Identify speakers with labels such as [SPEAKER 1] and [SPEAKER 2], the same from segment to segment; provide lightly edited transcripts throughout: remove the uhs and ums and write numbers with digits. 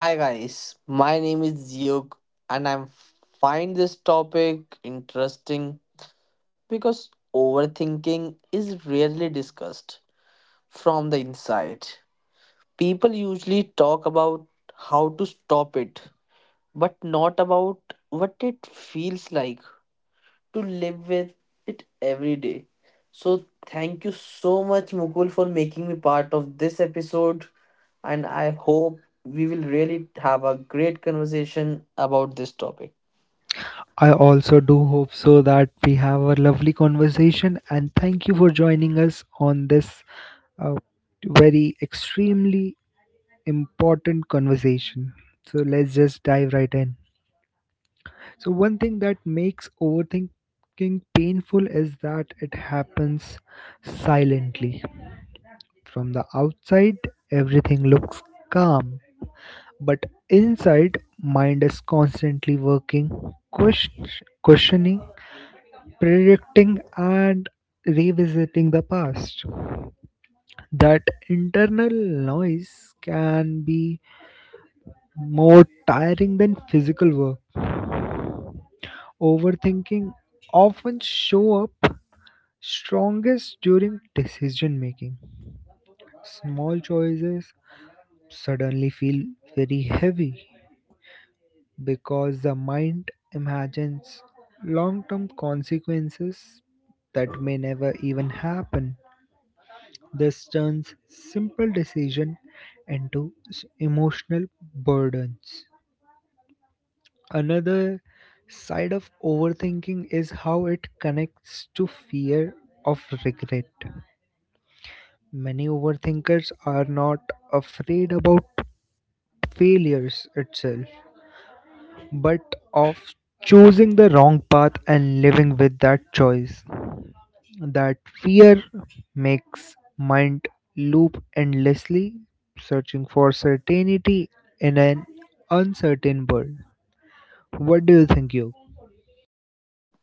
[SPEAKER 1] Hi guys, my name is Yug and I find this topic interesting because overthinking is rarely discussed from the inside. People usually talk about how to stop it, but not about what it feels like to live with it every day. So, thank you so much, Mukul, for making me part of this episode. And I hope we will really have a great conversation about this topic.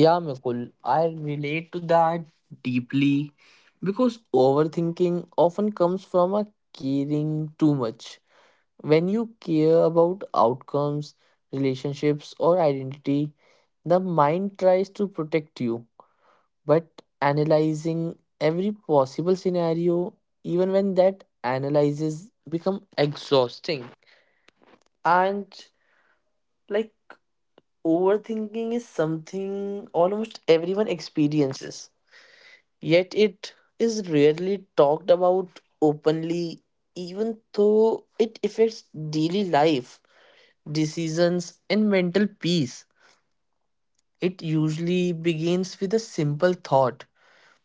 [SPEAKER 1] Yeah, Mukul, I relate to that deeply because overthinking often comes from a caring too much. When you care about outcomes, relationships, or identity, the mind tries to protect you but analyzing every possible scenario even when that analyzes become exhausting and like overthinking is something almost everyone experiences, yet it is rarely talked about openly even though it affects daily life, decisions, and mental peace. It usually begins with a simple thought.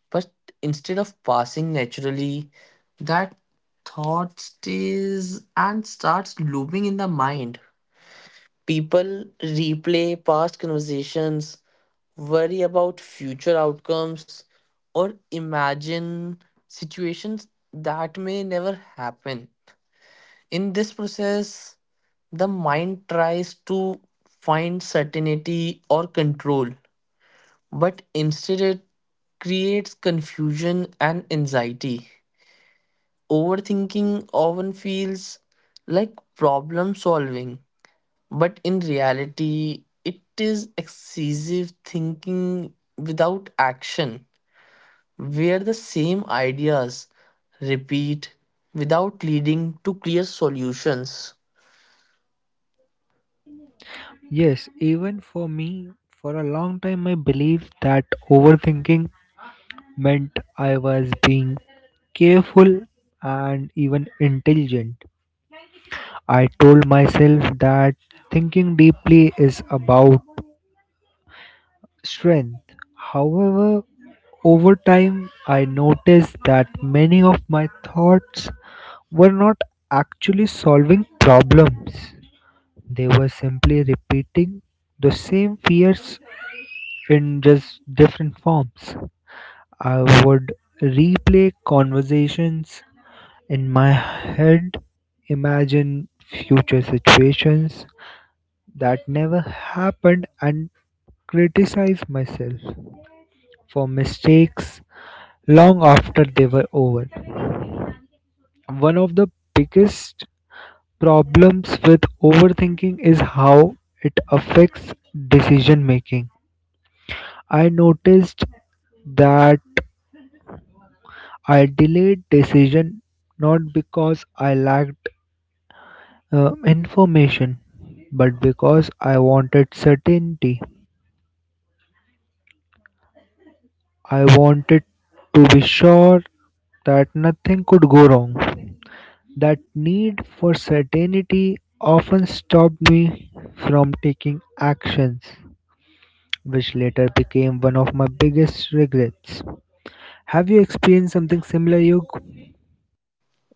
[SPEAKER 1] But instead of passing naturally, that thought stays and starts looping in the mind. People replay past conversations, worry about future outcomes, or imagine situations that may never happen. In this process, the mind tries to find certainty or control, but instead it creates confusion and anxiety. Overthinking often feels like problem solving, but in reality, it is excessive thinking without action, where the same ideas repeat without leading to clear solutions.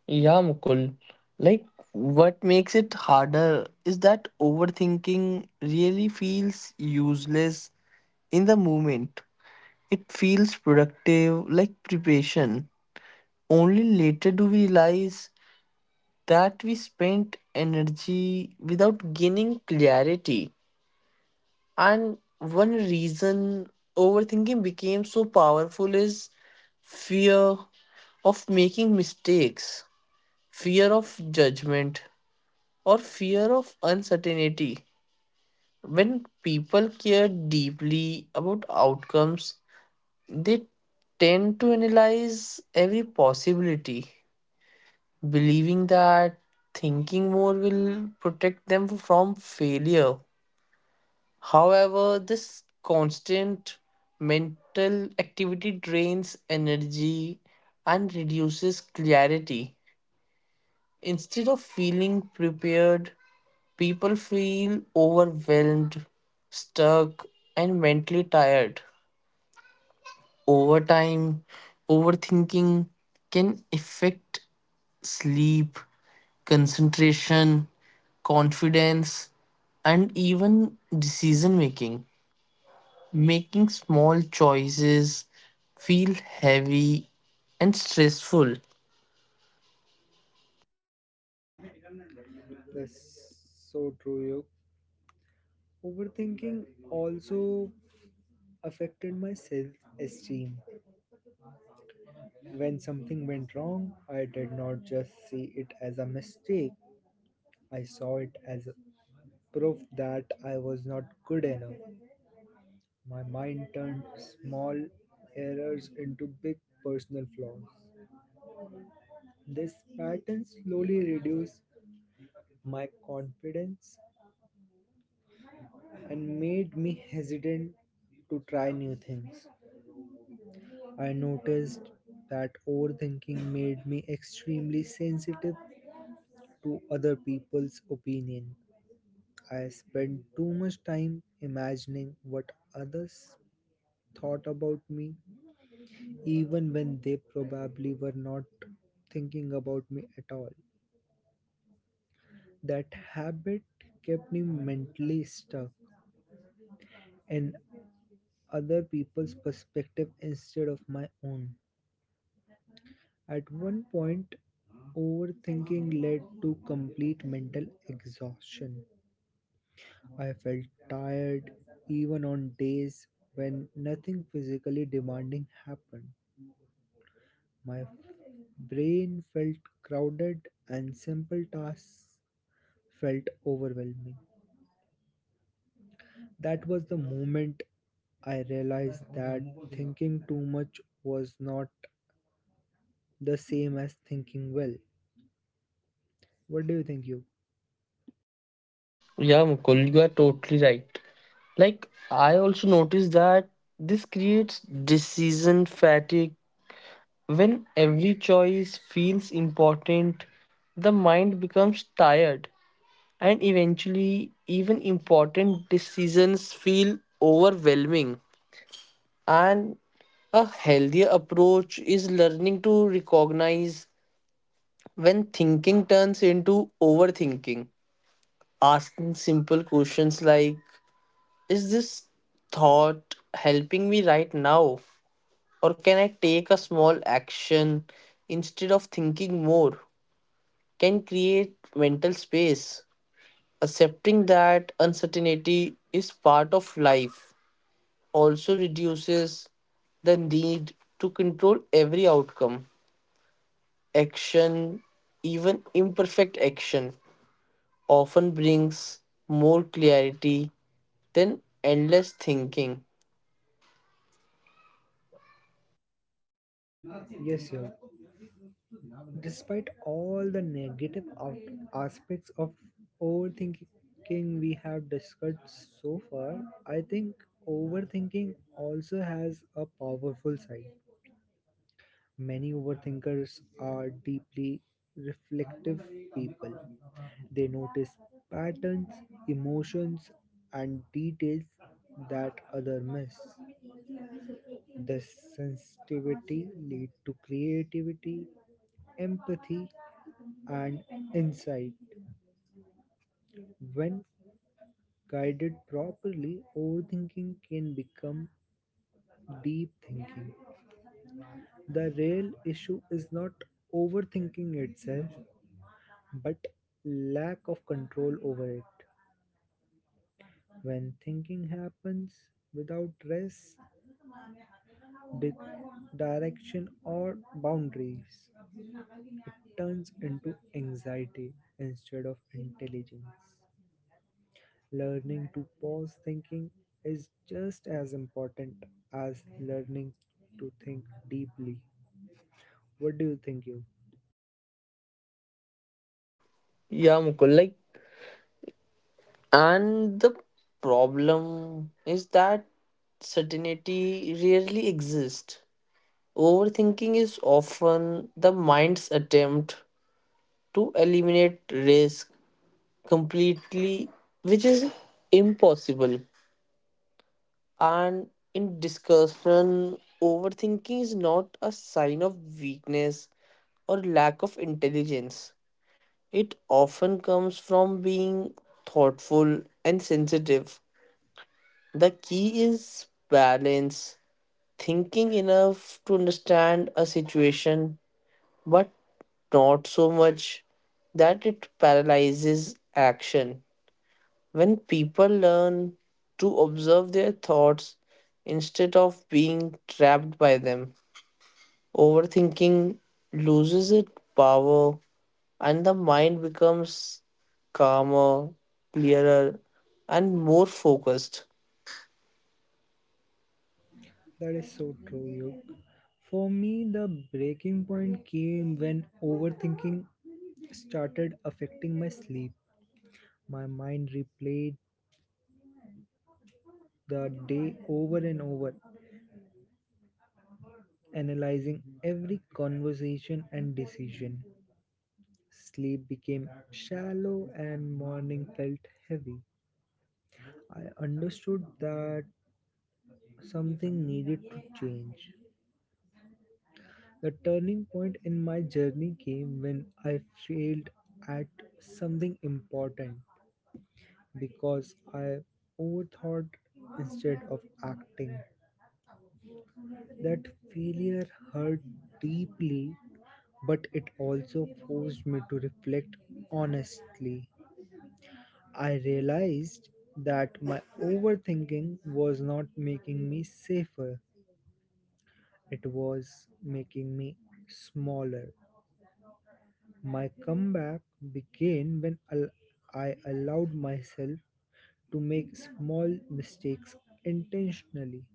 [SPEAKER 1] Yeah, Mukul. Like, what makes it harder is that overthinking really feels useless in the moment. It feels productive, like preparation. Only later do we realize that we spent energy without gaining clarity. And one reason overthinking became so powerful is fear of making mistakes, fear of judgment, or fear of uncertainty. When people care deeply about outcomes, they tend to analyze every possibility believing that thinking more will protect them from failure. However, this constant mental activity drains energy and reduces clarity. Instead of feeling prepared, people feel overwhelmed, stuck, and mentally tired. Over time, overthinking can affect sleep, concentration, confidence, and even decision making. Making small choices feel heavy and stressful.
[SPEAKER 2] That's so true. Yog. Overthinking also affected my self esteem. When something went wrong, I did not just see it as a mistake, I saw it as a proof that I was not good enough. My mind turned small errors into big personal flaws. This pattern slowly reduced my confidence and made me hesitant to try new things. I noticed that overthinking made me extremely sensitive to other people's opinion. I spent too much time imagining what others thought about me, even when they probably were not thinking about me at all. That habit kept me mentally stuck in other people's perspective instead of my own. At one point, overthinking led to complete mental exhaustion. I felt tired even on days when nothing physically demanding happened. My f- brain felt crowded and simple tasks felt overwhelming. That was the moment I realized that thinking too much was not the same as thinking well. What do you think, you?
[SPEAKER 1] Yeah, Mukul, you are totally right. I also noticed that this creates decision fatigue. When every choice feels important, the mind becomes tired and eventually even important decisions feel overwhelming, and a healthier approach is learning to recognize when thinking turns into overthinking. Asking simple questions like, is this thought helping me right now, or can I take a small action instead of thinking more, can create mental space. Accepting that uncertainty is part of life also reduces the need to control every outcome. Action, even imperfect action, often brings more clarity than endless thinking.
[SPEAKER 2] Yes, sir. Despite all the aspects of overthinking we have discussed so far, I think overthinking also has a powerful side. Many overthinkers are deeply reflective people. They notice patterns, emotions, and details that others miss. This sensitivity leads to creativity, empathy, and insight. When guided properly, overthinking can become deep thinking. The real issue is not overthinking itself, but lack of control over it. When thinking happens without rest, di- direction, or boundaries, it turns into anxiety instead of intelligence. Learning to pause thinking is just as important as learning to think deeply. What do you think, you?
[SPEAKER 1] Yeah, Mukul, and the problem is that certainty rarely exists. Overthinking is often the mind's attempt to eliminate risk completely, which is impossible. And in discussion, overthinking is not a sign of weakness or lack of intelligence. It often comes from being thoughtful and sensitive. The key is balance, thinking enough to understand a situation, but not so much that it paralyzes action. When people learn to observe their thoughts instead of being trapped by them, overthinking loses its power and the mind becomes calmer, clearer, and more focused.
[SPEAKER 2] That is so true, you. For me, the breaking point came when overthinking started affecting my sleep. My mind replayed the day over and over, analyzing every conversation and decision. Sleep became shallow and morning felt heavy. I understood that something needed to change. The turning point in my journey came when I failed at something important because I overthought instead of acting. That failure hurt deeply, but it also forced me to reflect honestly. I realized that my overthinking was not making me safer. It was making me smaller. My comeback began when I allowed myself to make small mistakes intentionally.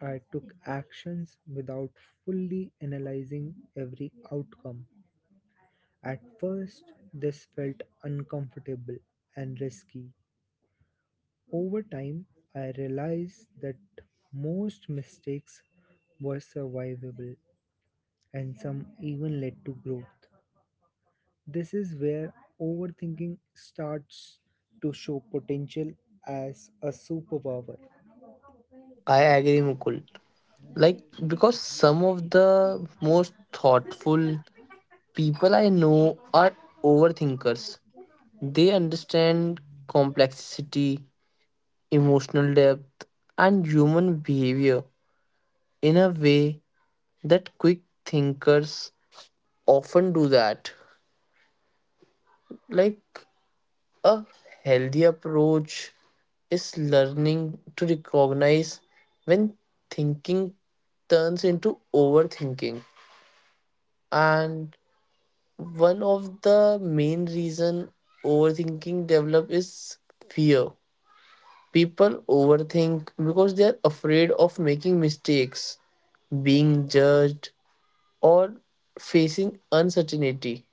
[SPEAKER 2] I took actions without fully analyzing every outcome. At first, this felt uncomfortable and risky. Over time, I realized that most mistakes were survivable and some even led to growth. This is where overthinking starts to show potential as a superpower.
[SPEAKER 1] I agree, Mukul. Like, because some of the most thoughtful people I know are overthinkers. They understand complexity, emotional depth, and human behavior in a way that quick thinkers often do that. Like a healthy approach is learning to recognize when thinking turns into overthinking, and one of the main reason overthinking develop is fear. People overthink because they are afraid of making mistakes, being judged, or facing uncertainty.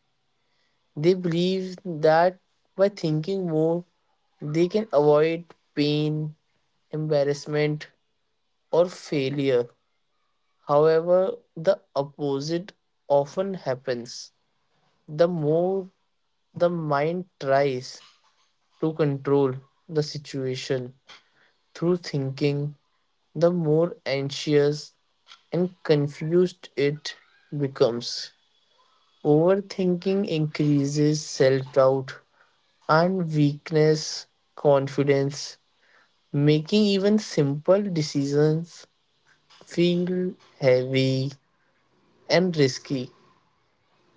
[SPEAKER 1] They believe that by thinking more, they can avoid pain, embarrassment, or failure. However, the opposite often happens. The more the mind tries to control the situation through thinking, the more anxious and confused it becomes. Overthinking increases self doubt and weakness confidence, making even simple decisions feel heavy and risky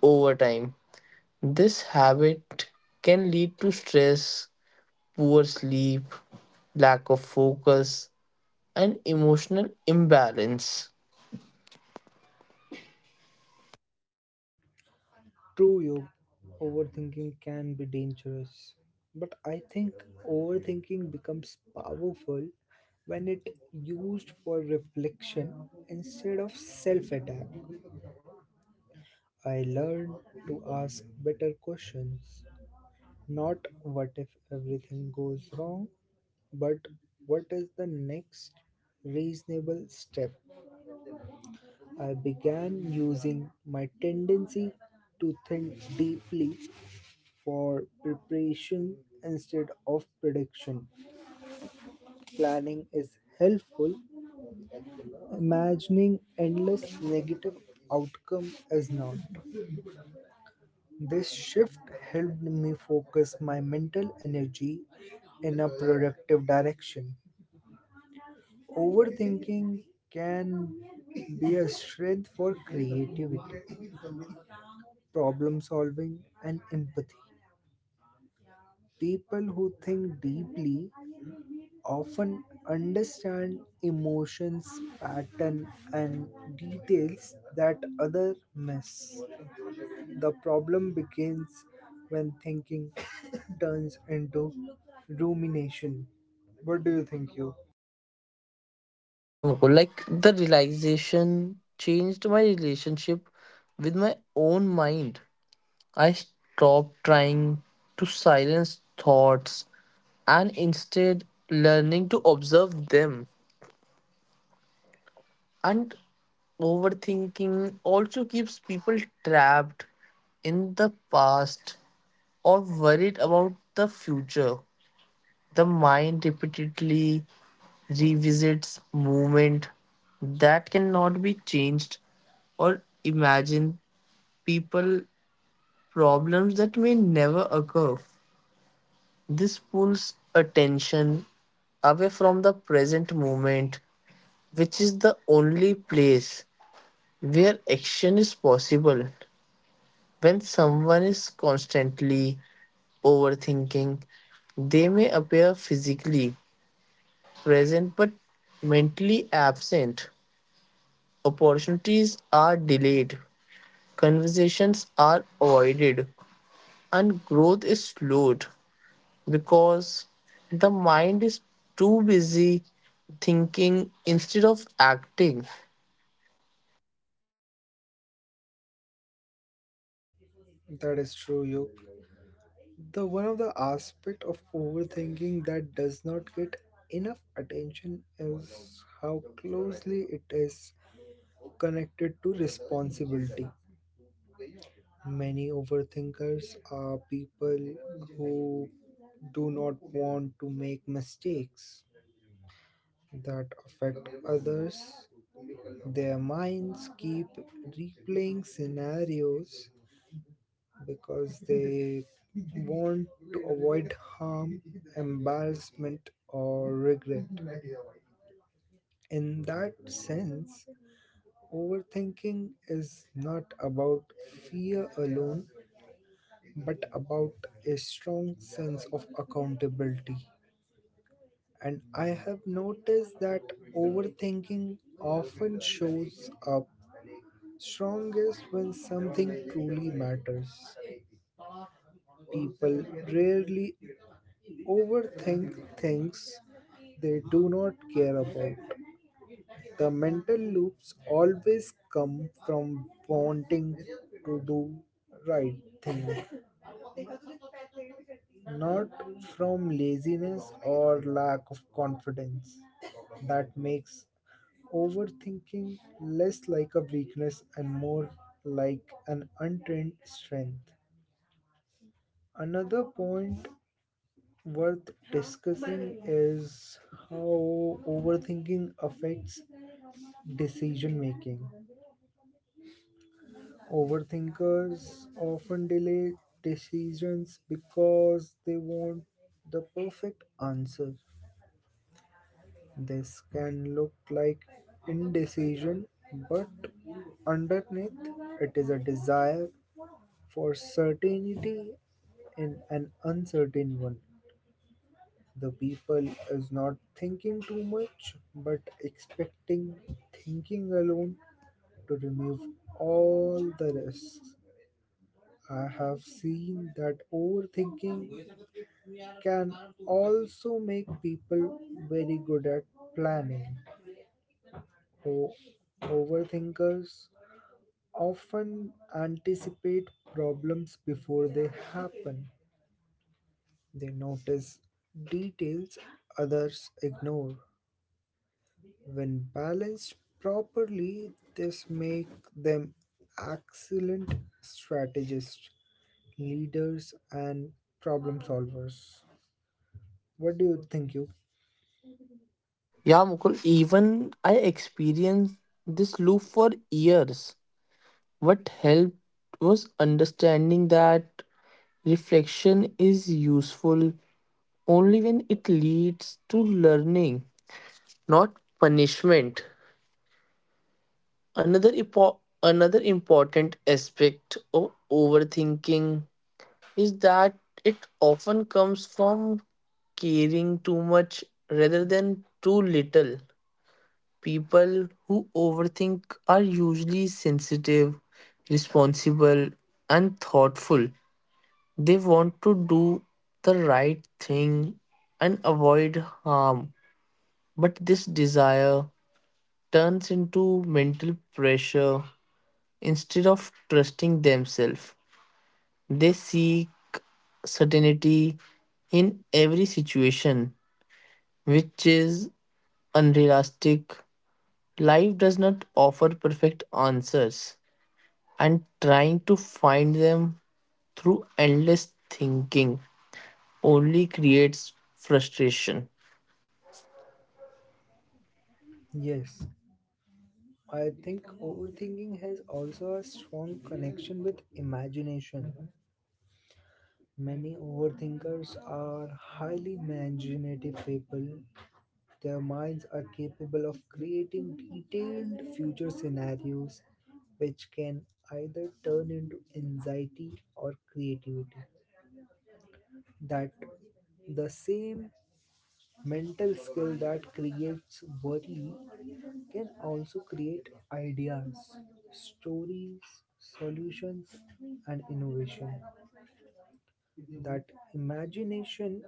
[SPEAKER 1] over time. This habit can lead to stress, poor sleep, lack of focus, and emotional imbalance.
[SPEAKER 2] True, you. Overthinking can be dangerous, but I think overthinking becomes powerful when it used for reflection instead of self-attack. I learned to ask better questions, not what if everything goes wrong, but what is the next reasonable step? I began using my tendency to think deeply for preparation instead of prediction. Planning is helpful, imagining endless negative outcome is not. This shift helped me focus my mental energy in a productive direction. Overthinking can be a strength for creativity, problem solving, and empathy. People who think deeply often understand emotions, pattern, and details that others miss. The problem begins when thinking turns into rumination. What do you think, you?
[SPEAKER 1] Yeah, Mukul, the realization changed my relationship with my own mind. I stopped trying to silence thoughts and instead learning to observe them. And overthinking also keeps people trapped in the past or worried about the future. The mind repeatedly revisits movement that cannot be changed or imagine people problems that may never occur. This pulls attention away from the present moment, which is the only place where action is possible. When someone is constantly overthinking, they may appear physically present but mentally absent. Opportunities are delayed, conversations are avoided, and growth is slowed because the mind is too busy thinking instead of acting.
[SPEAKER 2] That is true, you. The one of the aspect of overthinking that does not get enough attention is how closely it is connected to responsibility. Many overthinkers are people who do not want to make mistakes that affect others. Their minds keep replaying scenarios because they want to avoid harm, embarrassment, or regret. In that sense, overthinking is not about fear alone, but about a strong sense of accountability. And I have noticed that overthinking often shows up strongest when something truly matters. People rarely overthink things they do not care about. The mental loops always come from wanting to do right thing, not from laziness or lack of confidence. That makes overthinking less like a weakness and more like an untrained strength. Another point worth discussing is how overthinking affects decision making. Overthinkers often delay decisions because they want the perfect answer. This can look like indecision, but underneath it is a desire for certainty in an uncertain one. The people is not thinking too much but expecting thinking alone to remove all the risks. I have seen that overthinking can also make people very good at planning. O- Overthinkers often anticipate problems before they happen. They notice details others ignore. When balanced properly, this makes them excellent strategists, leaders, and problem solvers. What do you think, you?
[SPEAKER 1] Yeah, Mukul, even I experienced this loop for years. What helped was understanding that reflection is useful only when it leads to learning, not punishment. Another important aspect of overthinking is that it often comes from caring too much rather than too little. People who overthink are usually sensitive, responsible, and thoughtful. They want to do the right thing and avoid harm, but this desire turns into mental pressure. Instead of trusting themselves, they seek certainty in every situation, which is unrealistic. Life does not offer perfect answers, and trying to find them through endless thinking only creates frustration.
[SPEAKER 2] Yes, I think overthinking has also a strong connection with imagination. Many overthinkers are highly imaginative people. Their minds are capable of creating detailed future scenarios which can either turn into anxiety or creativity. That the same mental skill that creates worry can also create ideas, stories, solutions, and innovation. That imagination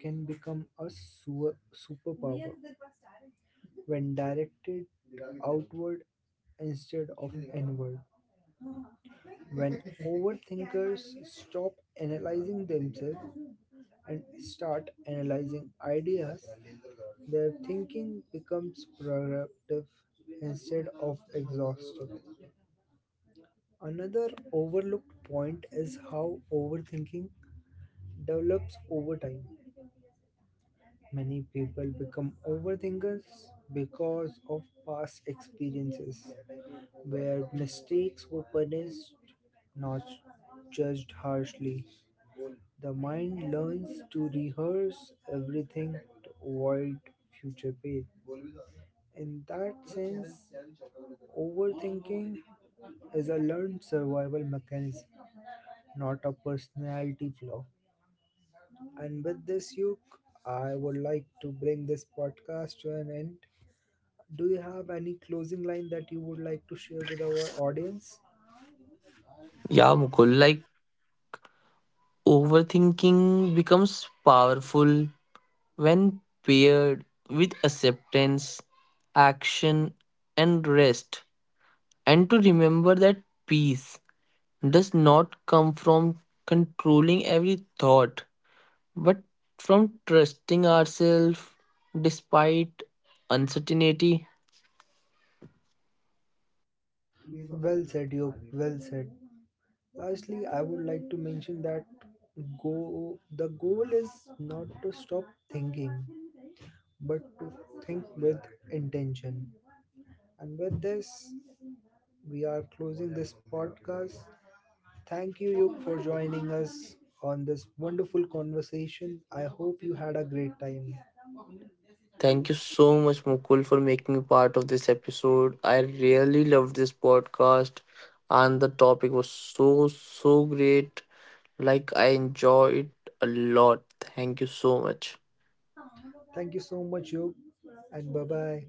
[SPEAKER 2] can become a superpower when directed outward instead of inward. When overthinkers stop analyzing themselves and start analyzing ideas, their thinking becomes productive instead of exhaustive. Another overlooked point is how overthinking develops over time. Many people become overthinkers because of past experiences where mistakes were punished, not judged harshly. The mind learns to rehearse everything to avoid future pain. In that sense, overthinking is a learned survival mechanism, not a personality flaw. And with this, Yuk, I would like to bring this podcast to an end. Do you have any closing line that you would like to share with our audience?
[SPEAKER 1] Yeah, Mukul, overthinking becomes powerful when paired with acceptance, action, and rest, and to remember that peace does not come from controlling every thought, but from trusting ourselves despite uncertainty.
[SPEAKER 2] Well said, Yuk. Well said. Lastly, I would like to mention that go the goal is not to stop thinking but to think with intention. And with this, we are closing this podcast. Thank you, Yuk, for joining us on this wonderful conversation. I hope you had a great time.
[SPEAKER 1] Thank you so much, Mukul, for making me part of this episode. I really loved this podcast, and the topic was so, so great. I enjoyed it a lot. Thank you so much.
[SPEAKER 2] Thank you so much, Yuk, and bye bye.